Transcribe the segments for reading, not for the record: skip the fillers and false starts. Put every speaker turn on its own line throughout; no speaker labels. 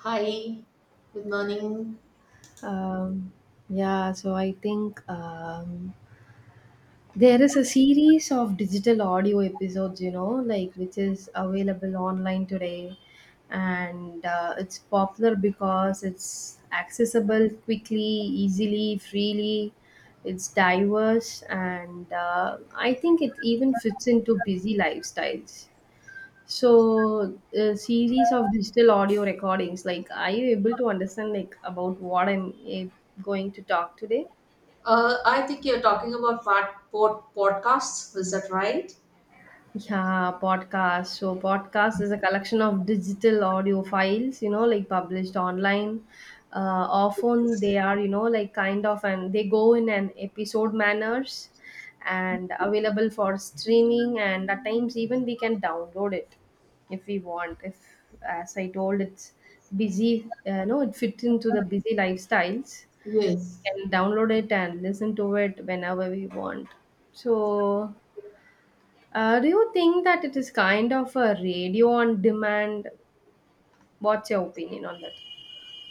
Hi, good morning.
Um, yeah, so I think there is a series of digital audio episodes, you know, like which is available online today, and it's popular because it's accessible quickly, easily, freely. It's diverse, and I think it even fits into busy lifestyles. So a series of digital audio recordings. Like, are you able to understand like about what I'm going to talk today?
I think you're talking about podcasts, is that right?
Yeah, podcast. So podcast is a collection of digital audio files, you know, like published online. Uh, Often they are, you know, like kind of and they go in an episode manners and available for streaming and at times even we can download it if we want. If as I told it's busy, no, it fits into the busy lifestyles.
Yes.
Can download it and listen to it whenever we want. So do you think that it is kind of a radio on demand? What's your opinion on that?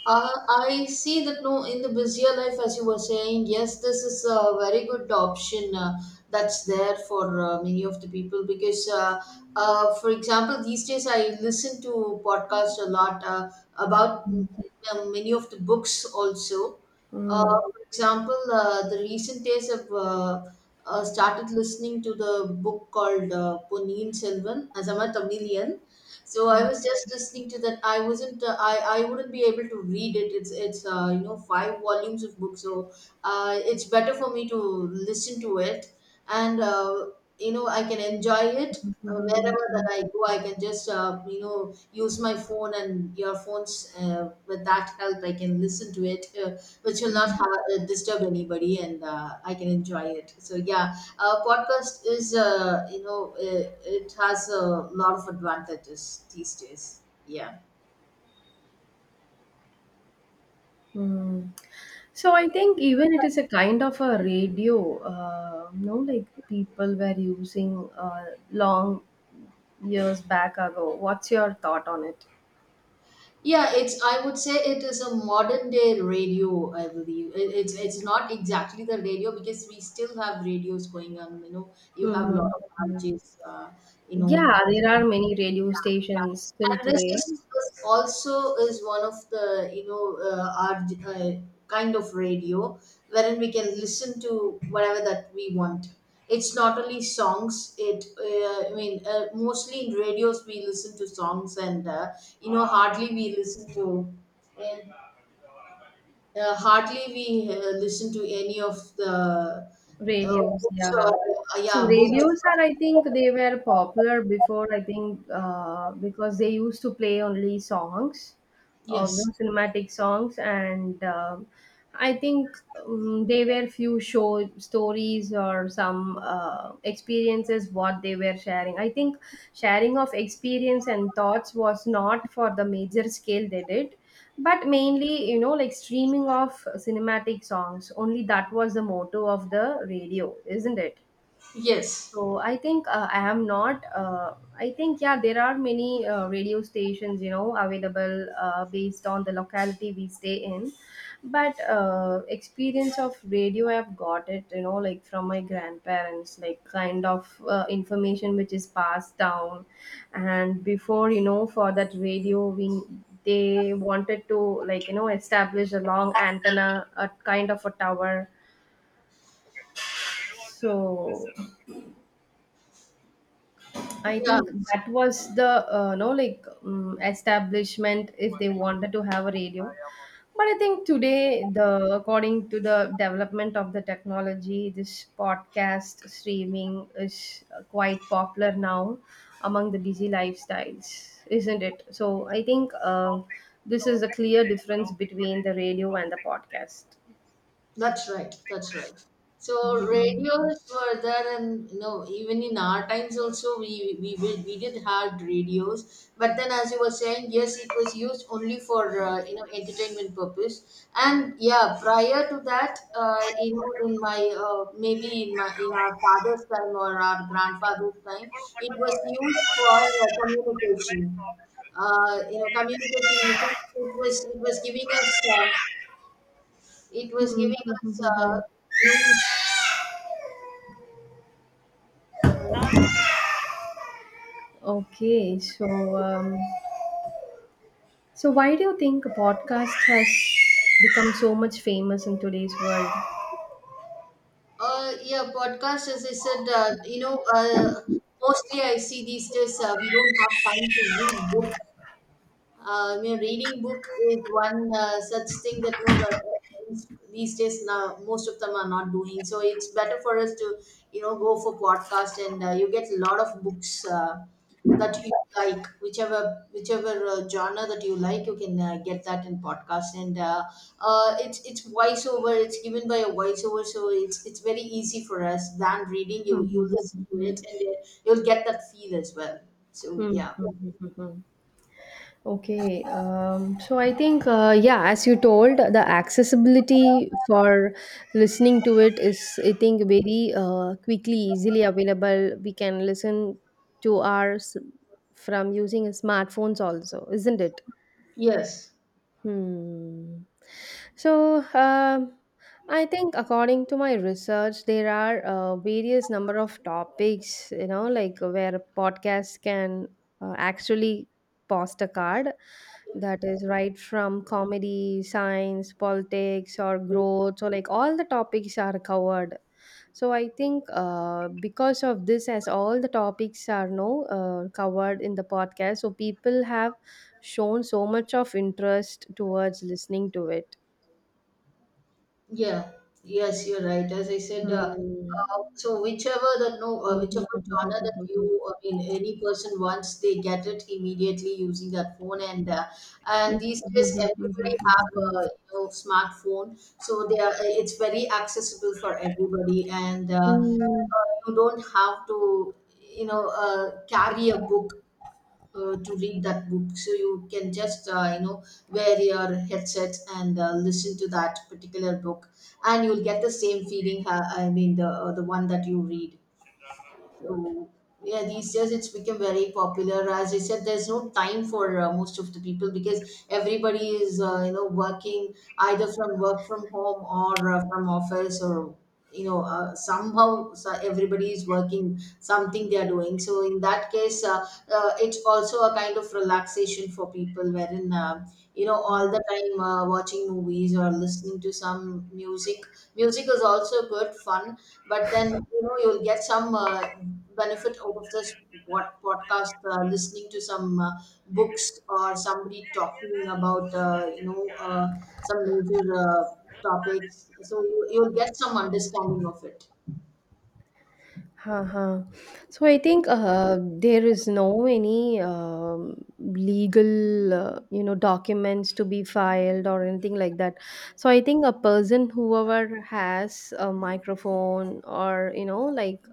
I see that no, in the busier life, as you were saying, yes, this is a very good option, that's there for many of the people, because for example, these days I listen to podcasts a lot, about many of the books also.
Mm,
For example, the recent days I've started listening to the book called Ponniyin Selvan, Azama Tamilian. So I
mm,
was just listening to that. I wasn't, I wouldn't be able to read it. It's you know, five volumes of books, so it's better for me to listen to it. And you know, I can enjoy it wherever that I go. I can just, you know, use my phone and earphones. With that help I can listen to it, which will not disturb anybody, and I can enjoy it, so yeah, podcast is, you know, it has a lot of advantages these days, yeah.
mm. So I think even it is a kind of a radio, no, like people were using long years back ago. What's your thought on it?
Yeah, it's I would say it is a modern day radio. I believe it's not exactly the radio, because we still have radios going on. You know, you have a lot of
Mm-hmm.
RJs, you
Yeah,
know.
there are many radio
Yeah. Yeah.
stations still
And this
today.
is this also is one of the our kind of radio, wherein we can listen to whatever that we want. It's not only songs. It I mean, mostly in radios we listen to songs, and you know, hardly we listen to, uh, hardly we listen to any of the uh,
Radios,
books, or
yeah. So
yeah, books.
radios are, I think, they were popular before, I think, because they used to play only songs of
Yes.
the cinematic songs and I think they were few show stories or some experiences what they were sharing. I think sharing of experience and thoughts was not for the major scale they did, but mainly, you know, like streaming of cinematic songs only, that was the motto of the radio, isn't it?
Yes.
So I think I am not. I think yeah, there are many radio stations, you know, available based on the locality we stay in, but experience of radio I've got it, you know, like from my grandparents, like kind of information which is passed down, and before, you know, for that radio we they wanted to, like, you know, establish a long antenna, a kind of a tower. So I
Yeah.
think that was the establishment if they wanted to have a radio. But I think today, the according to the development of the technology, this podcast streaming is quite popular now among the busy lifestyles, isn't it? So I think this is a clear difference between the radio and the podcast.
That's right. That's right. So radios were there, and you know, even in our times also, we did had radios. But then, as you were saying, yes, it was used only for, entertainment purpose. And yeah, prior to that, you know, in my maybe in my in our father's time, or our grandfather's time, it was used for communication. You know, communication. It was giving us. It
Hmm,
was giving
hmm, hmm,
us
hmm, hmm.
new. Sorry.
Okay, so. Um, So, why do you think a podcast has become so much famous in today's world?
Yeah, podcast, as I said, you know, mostly I see these days, we don't have time to read books. I mean, reading book is one such thing that no, these days now most of them are not doing. So it's better for us to, go for podcast, and you get a lot of books that you like, whichever genre that you like, you can get that in podcast. And it's voiceover. It's given by a voiceover, so it's very easy for us than reading. You listen to it
Mhm.
and you'll get that feel as well. So
Mhm.
yeah.
Hmm. Okay, so I think, yeah, as you told, the accessibility for listening to it is, I think, very quickly, easily available. We can listen to ours from using smartphones, also, isn't it?
Yes.
Hmm. So, I think according to my research, there are various number of topics, you know, like where a podcast can actually post a card, that is right from comedy, science, politics, or growth. So, like all the topics are covered, so I think because of this, as all the topics are now covered in the podcast, so people have shown so much of interest towards listening to it.
Yeah, yes, you're right. As I said,
Hmm.
so whichever the no, whichever genre that you, I mean, any person, once they get it immediately using that phone, and these days everybody have a, smartphone, so they are it's very accessible for everybody, and you don't have to, carry a book to read that book, so you can just, you know, wear your headset and listen to that particular book, and you'll get the same feeling, I mean the, one that you read, so yeah, these days it's become very popular. As I said, there's no time for most of the people, because everybody is you know, working, either from work from home, or from office, or somehow, so everybody is working, something they are doing. So in that case, it's also a kind of relaxation for people, wherein you know, all
Hmm.
the time watching movies or listening to some music. Music is also good fun, but then you know, you'll get some benefit out of this, what podcast, listening to some books, or somebody talking about you know, some major topics, so you'll get some understanding of it.
Uh-huh. So I think there is no any legal, you know, documents to be filed or anything like that. So I think a person, whoever has a microphone or, you know, like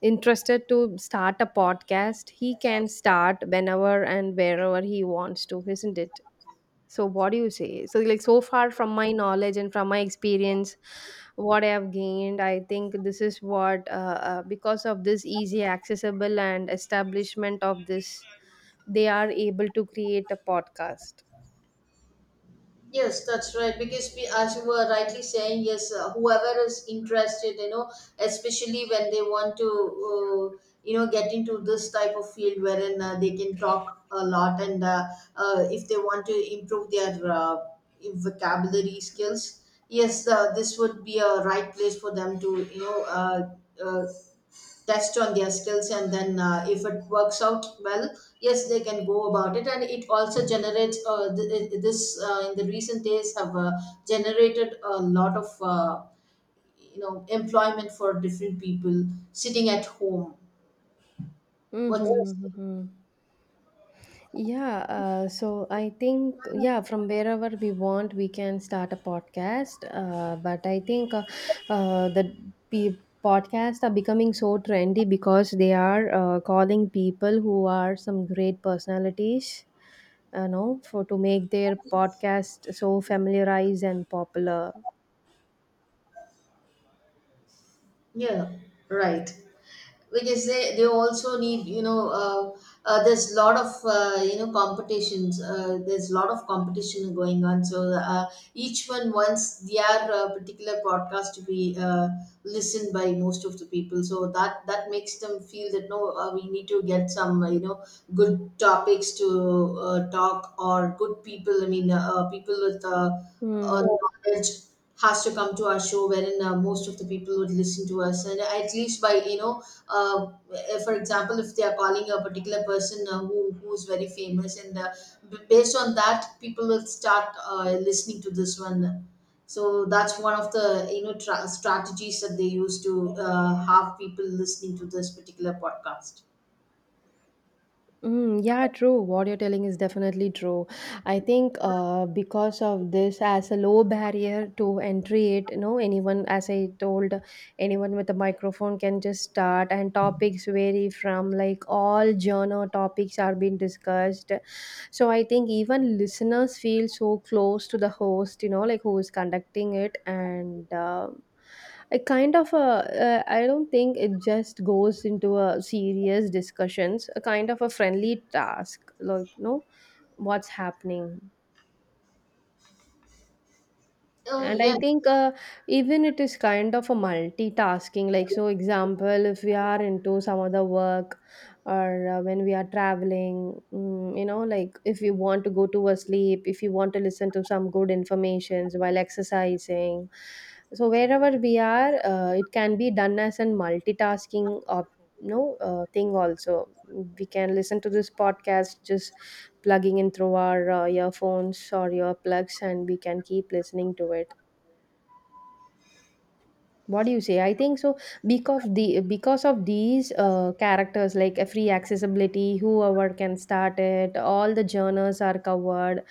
interested to start a podcast, he can start whenever and wherever he wants to, isn't it? So what do you say? So like so far from my knowledge and from my experience, what I have gained, I think this is what because of this easy accessible and establishment of this, they are able to create a podcast.
Yes, that's right. Because we, as you were rightly saying, yes, whoever is interested, you know, especially when they want to, you know, get into this type of field, wherein they can talk a lot, and if they want to improve their vocabulary skills, yes, this would be a right place for them to, you know, uh, test on their skills, and then if it works out well, yes, they can go about it. And it also generates, this, in the recent days have, generated a lot of, employment for different people sitting at home. What?
Mm-hmm, mm-hmm, mm-hmm. Yeah, so I think, yeah, from wherever we want, we can start a podcast. But I think uh, the pe- podcasts are becoming so trendy because they are calling people who are some great personalities, you know, for to make their podcast so familiarized and popular.
Yeah, right. Because they also need, you know, there's a lot of competitions there's a lot of competition going on. So each one wants their particular podcast to be listened by most of the people, so that makes them feel that no, we need to get some, you know, good topics to talk, or good people. I mean people with uh,
Hmm.
knowledge has to come to our show, wherein most of the people would listen to us, and at least by you know, uh, for example, if they are calling a particular person who's very famous, and based on that, people will start listening to this one. So that's one of the strategies that they use to have people listening to this particular podcast.
Mm, yeah, true. What you're telling is definitely true. I think because of this, as a low barrier to entry, it, you know, anyone, as I told, anyone with a microphone can just start, and topics vary from like all genre topics are being discussed. So I think even listeners feel so close to the host, you know, like who is conducting it, and a kind of a I don't think it just goes into a serious discussions, a kind of a friendly task, like no, what's happening. And I
Yes.
think even it is kind of a multitasking. Like, so example, if we are into some other work or when we are traveling, mm, you know, like if you want to go to a sleep, if you want to listen to some good informations while exercising. So wherever we are, it can be done as a multitasking op- no thing also. We can listen to this podcast just plugging in through our earphones or earplugs, and we can keep listening to it. What do you say? I think so, because of these characters like a free accessibility, whoever can start it, all the journals are covered,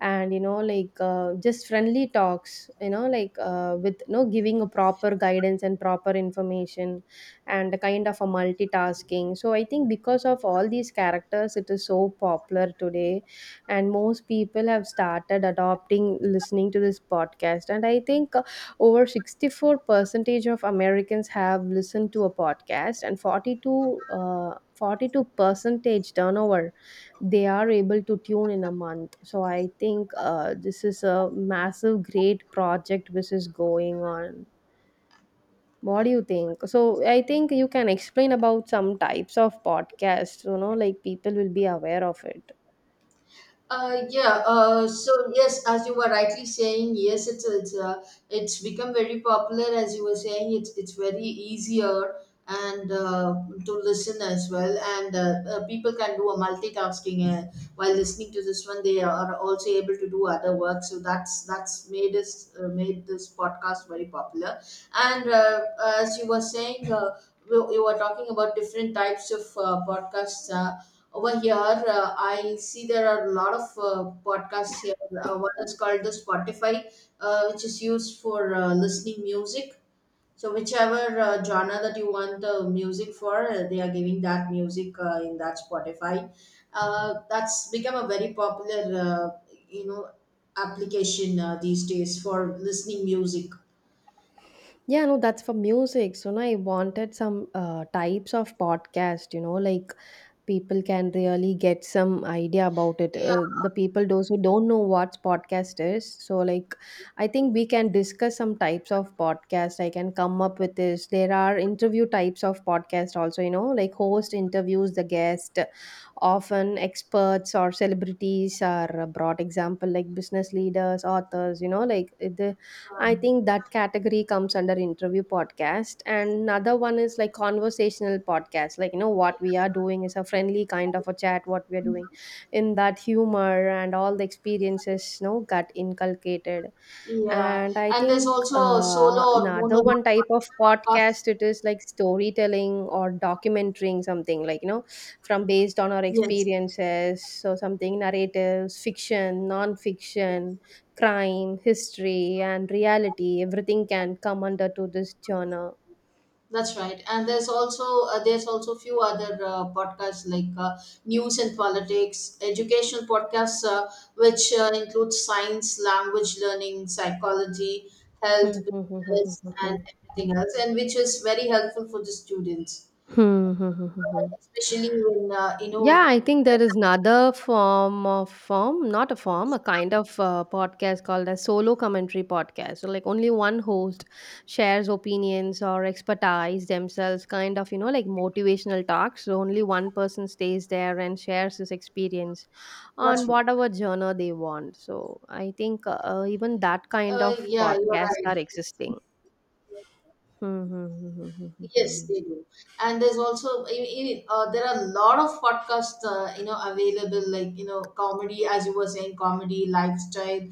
and you know like just friendly talks, you know like with no giving a proper guidance and proper information, and a kind of a multitasking. So I think because of all these characters, it is so popular today, and most people have started adopting listening to this podcast, and I think over 64 percentage of Americans have listened to a podcast, and 42 percentage turnover they are able to tune in a month. So I think this is a massive, great project which is going on. What do you think? So I think you can explain about some types of podcasts. You know, like people will be aware of it.
Yeah. So yes, as you were rightly saying, yes, it's become very popular. As you were saying, it's very easier, and to listen as well, and people can do a multitasking while listening to this one. They are also able to do other work. So that's made this podcast very popular. And as you were saying. You were talking about different types of podcasts. Over here, I see there are a lot of podcasts here. One is called the Spotify, which is used for listening music. So whichever genre that you want the music for, they are giving that music in that Spotify. That's become a very popular, you know, application, these days, for listening music.
Yeah, no, that's for music. So now I wanted some types of podcast, you know, like people can really get some idea about it,
Yeah,
the people those who don't know what podcast is. So like, I think we can discuss some types of podcast. I can come up with this. There are interview types of podcast also, you know, like host interviews the guest, often experts or celebrities are a broad example, like business leaders, authors, you know, like it, I think that category comes under interview podcast. And another one is like conversational podcast. Like, you know, what we are doing is a friendly kind of a chat, what we are doing, in that humor and all the experiences, you know, got inculcated.
yeah,
And I
and there's
think
also solo or
another
monologue
one type of
podcasts.
podcast, it is like storytelling or documenting something, like, you know, from based on our
Yes.
experiences. So something narratives, fiction, non-fiction, crime, history, and reality, everything can come under to this genre.
That's right, and there's also few other podcasts, like news and politics, educational podcasts, which include science, language learning, psychology, health,
Hmm, hmm, hmm, hmm,
business,
hmm, hmm,
and
hmm.
everything else, and which is very helpful for the students,
Hmm, hmm, hmm, hmm, hmm.
especially when, you know.
Yeah, I think there is another form of form, not a form, a kind of podcast called a solo commentary podcast. So, like, only one host shares opinions or expertise themselves, kind of, you know, like motivational talks. So, only one person stays there and shares his experience on
That's right.
whatever genre they want. So, I think even that kind of
Yeah, you're
podcasts
right.
are existing. Hmm, hmm, hmm, hmm, hmm, hmm,
Yes,
hmm.
they do. And there's also, I mean, there are a lot of podcasts, you know, available, like, you know, comedy, as you were saying, comedy, lifestyle,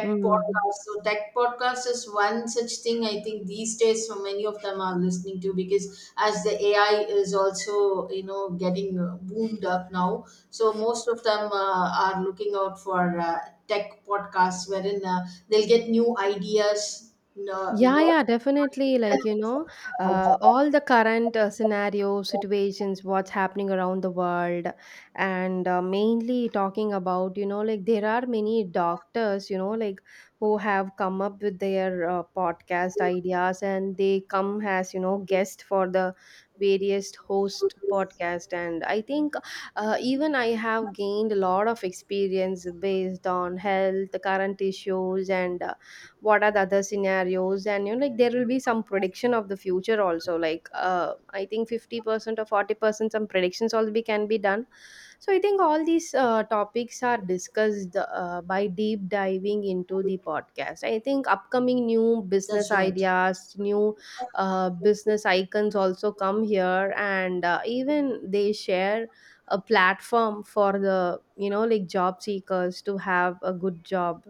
Hmm. hmm.
podcast. So tech podcast is one such thing, I think these days, so many of them are listening to, because as the AI is also, you know, getting boomed up now, so most of them are looking out for tech podcasts, wherein they'll get new ideas. You
Yeah,
know.
yeah, definitely. Like, you know, all the current scenarios, situations, what's happening around the world, and mainly talking about, you know, like there are many doctors, you know, like who have come up with their podcast ideas, and they come as, you know, guest for the various host podcast. And I think even I have gained a lot of experience based on health, current issues, and what are the other scenarios. And you know like there will be some prediction of the future also, like I think 50% or 40% some predictions already can be done. So I think all these topics are discussed by deep diving into the podcast. I think upcoming new business
That's right.
ideas, new business icons also come here, and even they share a platform for the, you know, like job seekers to have a good job.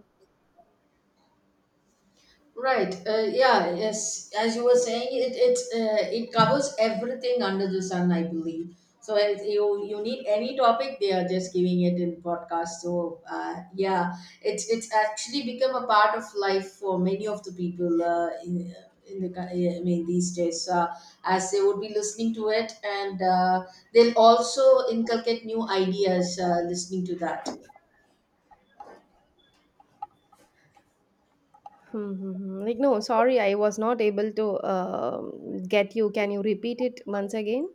Right. Yeah. Yes. As you were saying, it covers everything under the sun, I believe. So as you need any topic, they are just giving it in podcast. So yeah, it's actually become a part of life for many of the people, yeah, I mean, these days, as they would be listening to it, and they'll also inculcate new ideas listening to that.
Hmm, hmm, hmm. Like, no, sorry, I was not able to get you. Can you repeat it once again?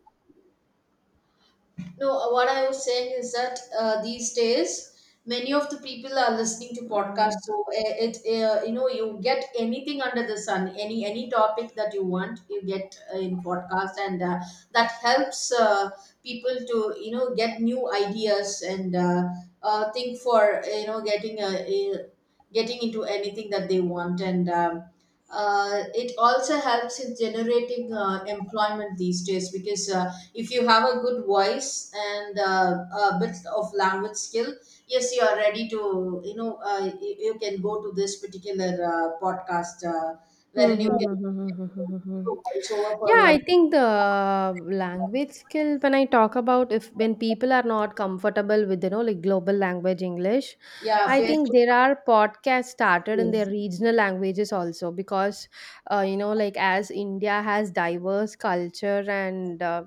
No, what I was saying is that, these days many of the people are listening to
Mm.
podcasts. So it you know, you get anything under the sun, any topic that you want, you get, in podcast, and that helps people to, you know, get new ideas, and think for, you know, getting a getting into anything that they want, and. It also helps in generating employment these days, because if you have a good voice and a bit of language skill, yes, you are ready to, you know, you can go to this particular podcast,
Hmm,
wherein
hmm, hmm, hmm, hmm, hmm, hmm,
you can
hmm, hmm.
do a voiceover
Yeah,
for,
I think the language skill, when I talk about if when people are not comfortable with, you know, like global language English,
yeah,
I
face.
think there are podcasts started in their
Yes,
regional languages also because, you know, like as India has diverse culture and,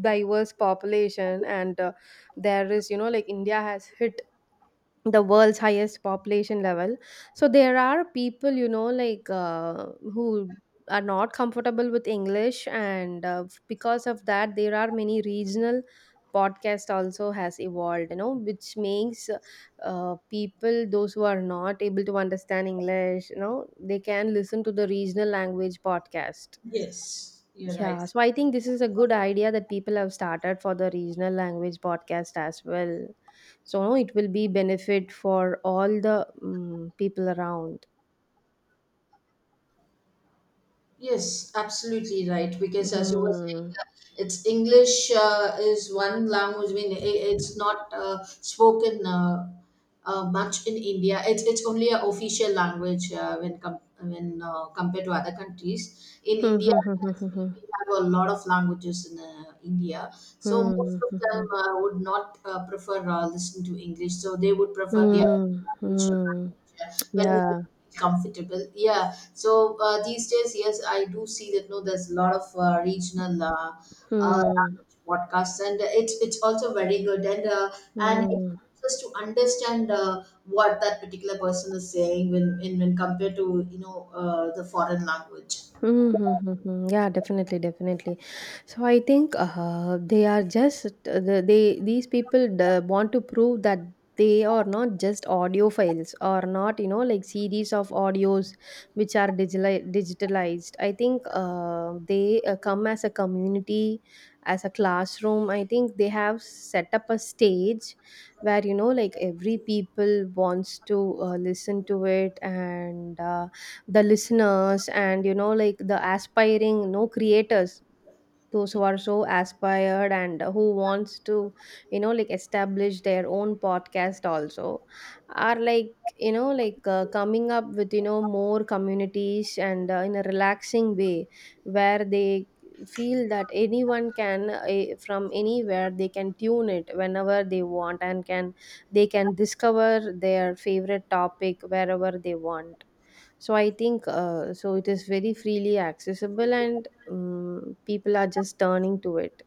diverse population and there is, you know, like India has hit the world's highest population level. So there are people, you know, like who are not comfortable with English, and because of that there are many regional podcast also has evolved, you know, which makes people those who are not able to understand English, you know, they can listen to the regional language podcast.
yes, you're right.
Yeah, so I think this is a good idea that people have started for the regional language podcast as well. So it will be benefit for all the people around.
Yes, absolutely right. Because as you were saying,
Hmm.
it's English is one language. I mean, it's not spoken much in India. It's only an official language when compared to other countries. In
Hmm.
India, as we
Hmm.
we have a lot of languages in India, so most
Hmm.
of
Hmm. Hmm.
them would not prefer listening to English. So they would prefer their
Hmm. Hmm. Hmm. Hmm.
regional
Hmm, hmm.
language when
Yeah.
it's comfortable. Yeah, so these days, yes, I do see that. No, there's a lot of regional uh,
Hmm.
podcasts, and it's also very good, and it
Hmm.
helps us to understand what that particular person is saying when in when compared to the foreign language.
Mm-hmm. Yeah, definitely, definitely. So I think they are just they these want to prove that they are not just audio files or not, you know, like series of audios which are digitalized. I think they come as a community, as a classroom. I think they have set up a stage where, you know, like every people wants to listen to it and. The listeners and, you know, like the aspiring, you know, creators, those who are so aspired and who wants to, you know, like establish their own podcast also are, like, you know, like coming up with, you know, more communities and in a relaxing way where they feel that anyone can from anywhere they can tune it whenever they want and can they can discover their favorite topic wherever they want. So I think so it is very freely accessible, and people are just turning to it.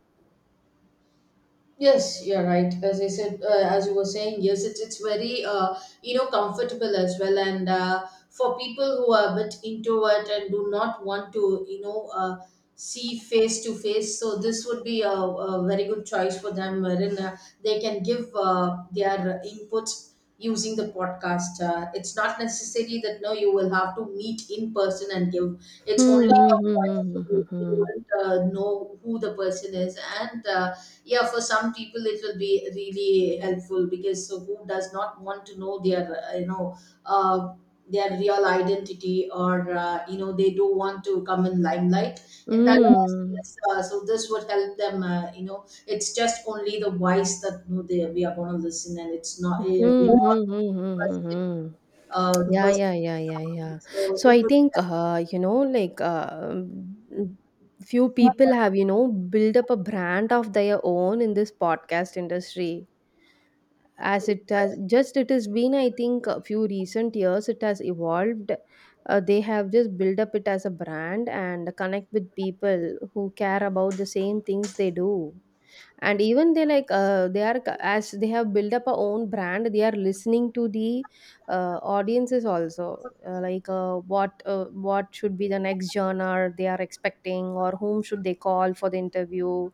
Yes, you're right. As I said, as you were saying, yes, it's very you know comfortable as well, and for people who are a bit introvert and do not want to see face to face, so this would be a very good choice for them, wherein they can give their inputs using the podcast. It's not necessary that no, you will have to meet in person and give. It's only
Hmm. Hmm,
your
hmm,
voice.
hmm, hmm,
They
hmm.
won't know who the person is and. Yeah, for some people it will be really helpful because so who does not want to know their uh, their real identity, or you know they do want to come in limelight, and that is
Hmm,
yes, so this would help them, you know it's just only the wise that you know, they, we are going to listen, and it's not,
hmm,
we are
hmm,
not
hmm,
the
hmm, hmm.
person,
Hmm.
the
Yeah,
person
yeah, yeah, yeah,
talking.
yeah.
So
So I
it
think you know, like few people have, you know, built up a brand of their own in this podcast industry, as
was
it has just it has been, I think, a few recent years it has evolved. They have just built up it as a brand and connect with people who care about the same things they do, and even they like they as they have built up a own brand they are listening to the audiences also, like what should be the next genre they are expecting or whom should they call for the interview.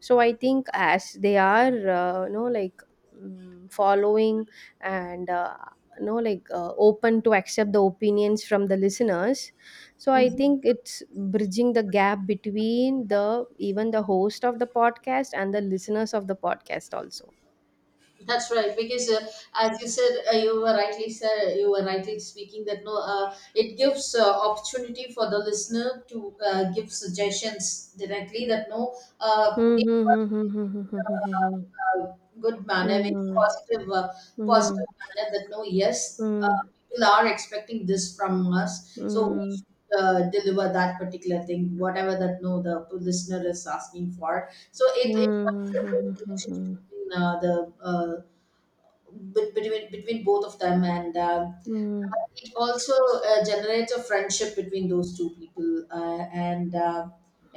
So I think as they are, you know, like following and you know, like open to accept the opinions from the listeners. So I think it's bridging the gap between the even the host of the podcast and the listeners of the podcast also.
That's right, because as you said, you were rightly said, you were rightly speaking that no, it gives opportunity for the listener to give suggestions directly. That no,
Hmm,
the
hmm, hmm, hmm, hmm, hmm,
uh, good manner, in a positive,
hmm,
positive
hmm,
manner. That no, yes,
hmm, hmm.
people are expecting this from us, so we
Mm,
should deliver that particular thing, whatever that no the listener is asking for. So
mm,
it
mm,
helps
mm, mm,
with
hmm,
the
hmm, hmm,
relationship
hmm,
between the uh, between both of them, and
hmm,
it also generates a friendship between those two people. And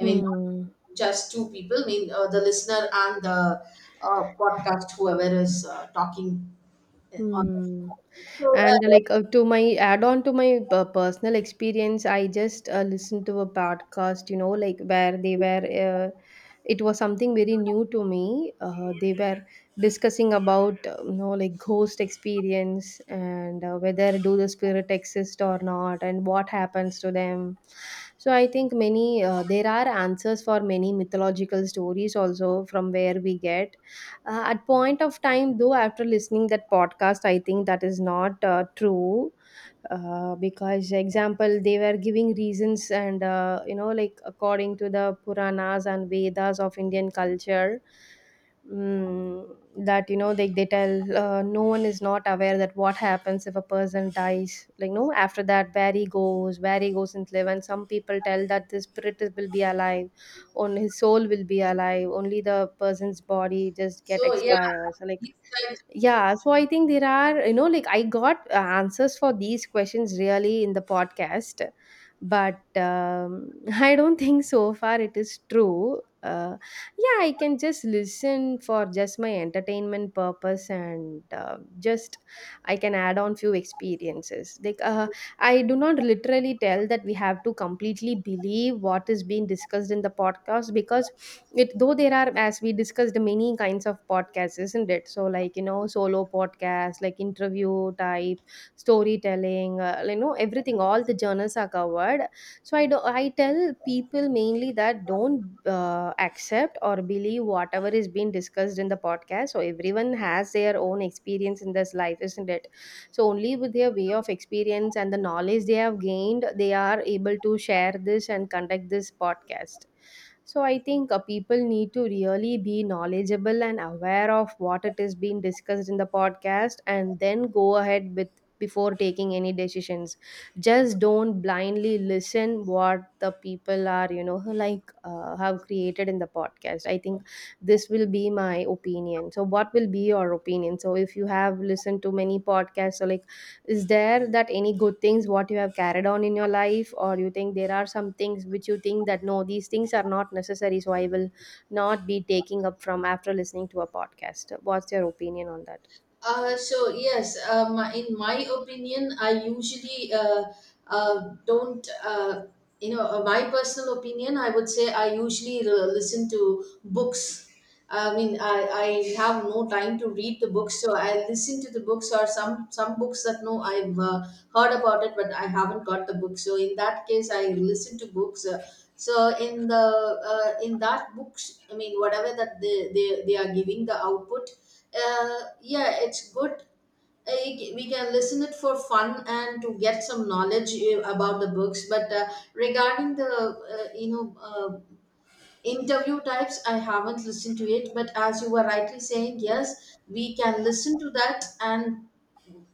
I mean, not
hmm,
just two people. I mean, the listener and the podcast, whoever is talking on. The
hmm.
show. So
And uh, like uh, to my add on to my personal experience, I just listened to a podcast, you know, like where they were. It was something very new to me. They were discussing about you know, like ghost experience and whether do the spirit exist or not and what happens to them. So I think many there are answers for many mythological stories also from where we get at point of time, though after listening that podcast I think that is not true, because example they were giving reasons and you know, like according to the puranas and vedas of Indian culture, mm, that you know they tell no one is not aware that what happens if a person dies, like no after that where he goes, where he goes and live. And some people tell that will be alive, only his soul will be alive, only the person's body just get
yeah,
expires like.
these
Yeah, so I think there are, you know, like I got answers for these questions really in the podcast, but I don't think so far it is true. Yeah, I can just listen for just my entertainment purpose and just I can add on few experiences. Like I do not literally tell that we have to completely believe what is being discussed in the podcast, because it though there are, as we discussed, many kinds of podcasts, isn't it? So like, you know, solo podcast, like interview type, storytelling, you know, everything, all the journals are covered. So I tell people mainly that don't accept or believe whatever is being discussed in the podcast. So everyone has their own experience in this life, isn't it? So only with their way of experience and the knowledge they have gained they are able to share this and conduct this podcast. So I think people need to really be knowledgeable and aware of what it is being discussed in the podcast and then go ahead with, before taking any decisions. Just don't blindly listen what the people are, you know, like have created in the podcast, I think. This will be my opinion. So what will be your opinion? So if you have listened to many podcasts, so like, is there that any good things what you have carried on in your life, or you think there are some things which you think that no, these things are not necessary, so I will not be taking up from, after listening to a podcast? What's your opinion on that?
So yes, in my opinion, I usually don't. My personal opinion, I would say I usually listen to books. I mean, I have no time to read the books, so I listen to the books or some books that no I've heard about it, but I haven't got the book. So in that case, I listen to books. So in the in that books, I mean, whatever that they are giving the output, uh, yeah, it's good. You- we can listen it for fun and to get some knowledge about the books, but regarding the interview types, I haven't listened to it, but as you were rightly saying, yes, we can listen to that, and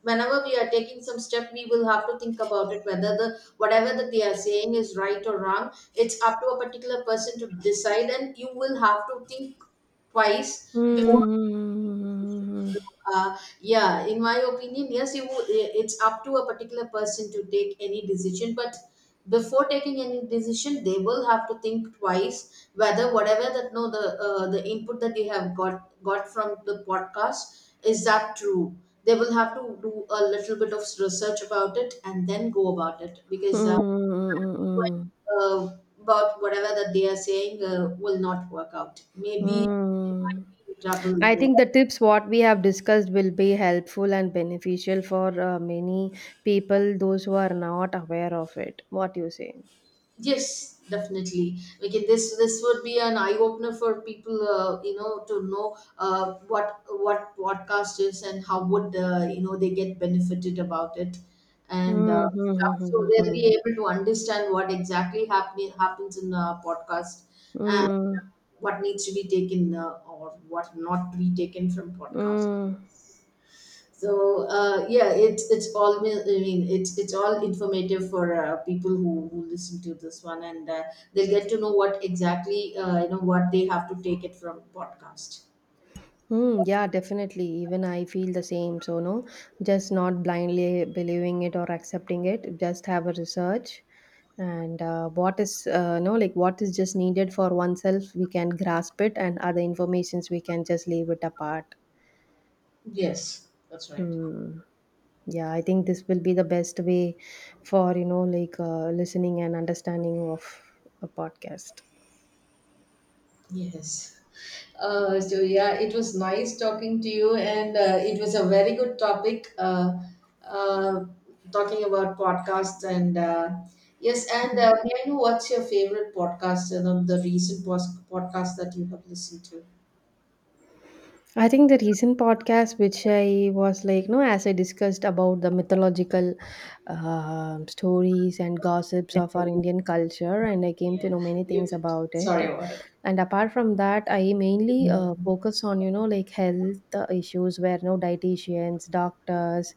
whenever we are taking some step we will have to think about it, whether the whatever that they are saying is right or wrong. It's up to a particular person to decide, and you will have to think twice before so, yeah, in my opinion, yes, you. It's up to a particular person to take any decision, but before taking any decision they will have to think twice whether whatever that no the input that they have got from the podcast is that true. They will have to do a little bit of research about it and then go about it, because
Mm-hmm.
uh, about whatever that they are saying will not work out, maybe they might
Mm.
be in
I
trouble.
think the tips what we have discussed will be helpful and beneficial for many people, those who are not aware of it. What you say?
Yes, definitely. We can this would be an eye opener for people, you know, to know what podcast is and how would you know they get benefited about it, and
Mm-hmm.
stuff. So they'll be
Mm-hmm.
able to understand what exactly happening happens in a podcast and
Mm-hmm.
what needs to be taken or what not to be taken from podcast.
Mm-hmm.
So yeah, it's all, I mean, it's all informative for people who listen to this one, and they'll get to know what exactly you know what they have to take it from podcast.
Hmm. Yeah, definitely. Even I feel the same. So, no, just not blindly believing it or accepting it. Just have a research and what is, no, like what is just needed for oneself, we can grasp it, and other informations we can just leave it apart.
Yes, that's right.
Hmm. Yeah, I think this will be the best way for, you know, like listening and understanding of a podcast.
Yes. So yeah, it was nice talking to you, and it was a very good topic. Uh, talking about podcasts and yes, and may I know what's your favorite podcast? You know, the podcast that you have listened to.
I think the recent podcast, which I was like, no, as I discussed about the mythological stories and gossips of our Indian culture, and I came to
Yeah,
know many
you
things
did.
about it.
Sorry about it.
And apart from that, I mainly
Yeah.
focus on, you know, like health issues where no dietitians, doctors,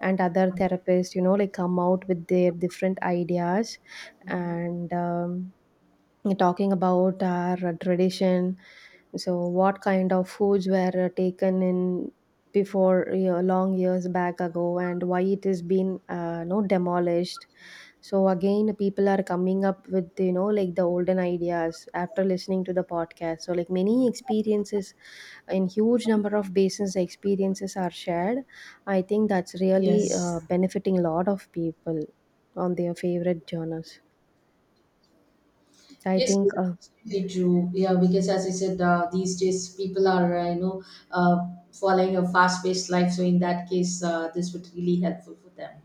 and other therapists, you know, like come out with their different ideas and talking about our tradition. So, what kind of foods were taken in before, you know, long years back ago, and why it has been no demolished? So again, people are coming up with, you know, like the olden ideas after listening to the podcast. So like many experiences, in huge number of basins, the experiences are shared. I think that's really
Yes.
benefiting a lot of people on their favorite genres. I
Yes, you
think.
are absolutely true. Yeah, because as I said, these days people are, uh, following a fast-paced life. So in that case, this would really helpful for them.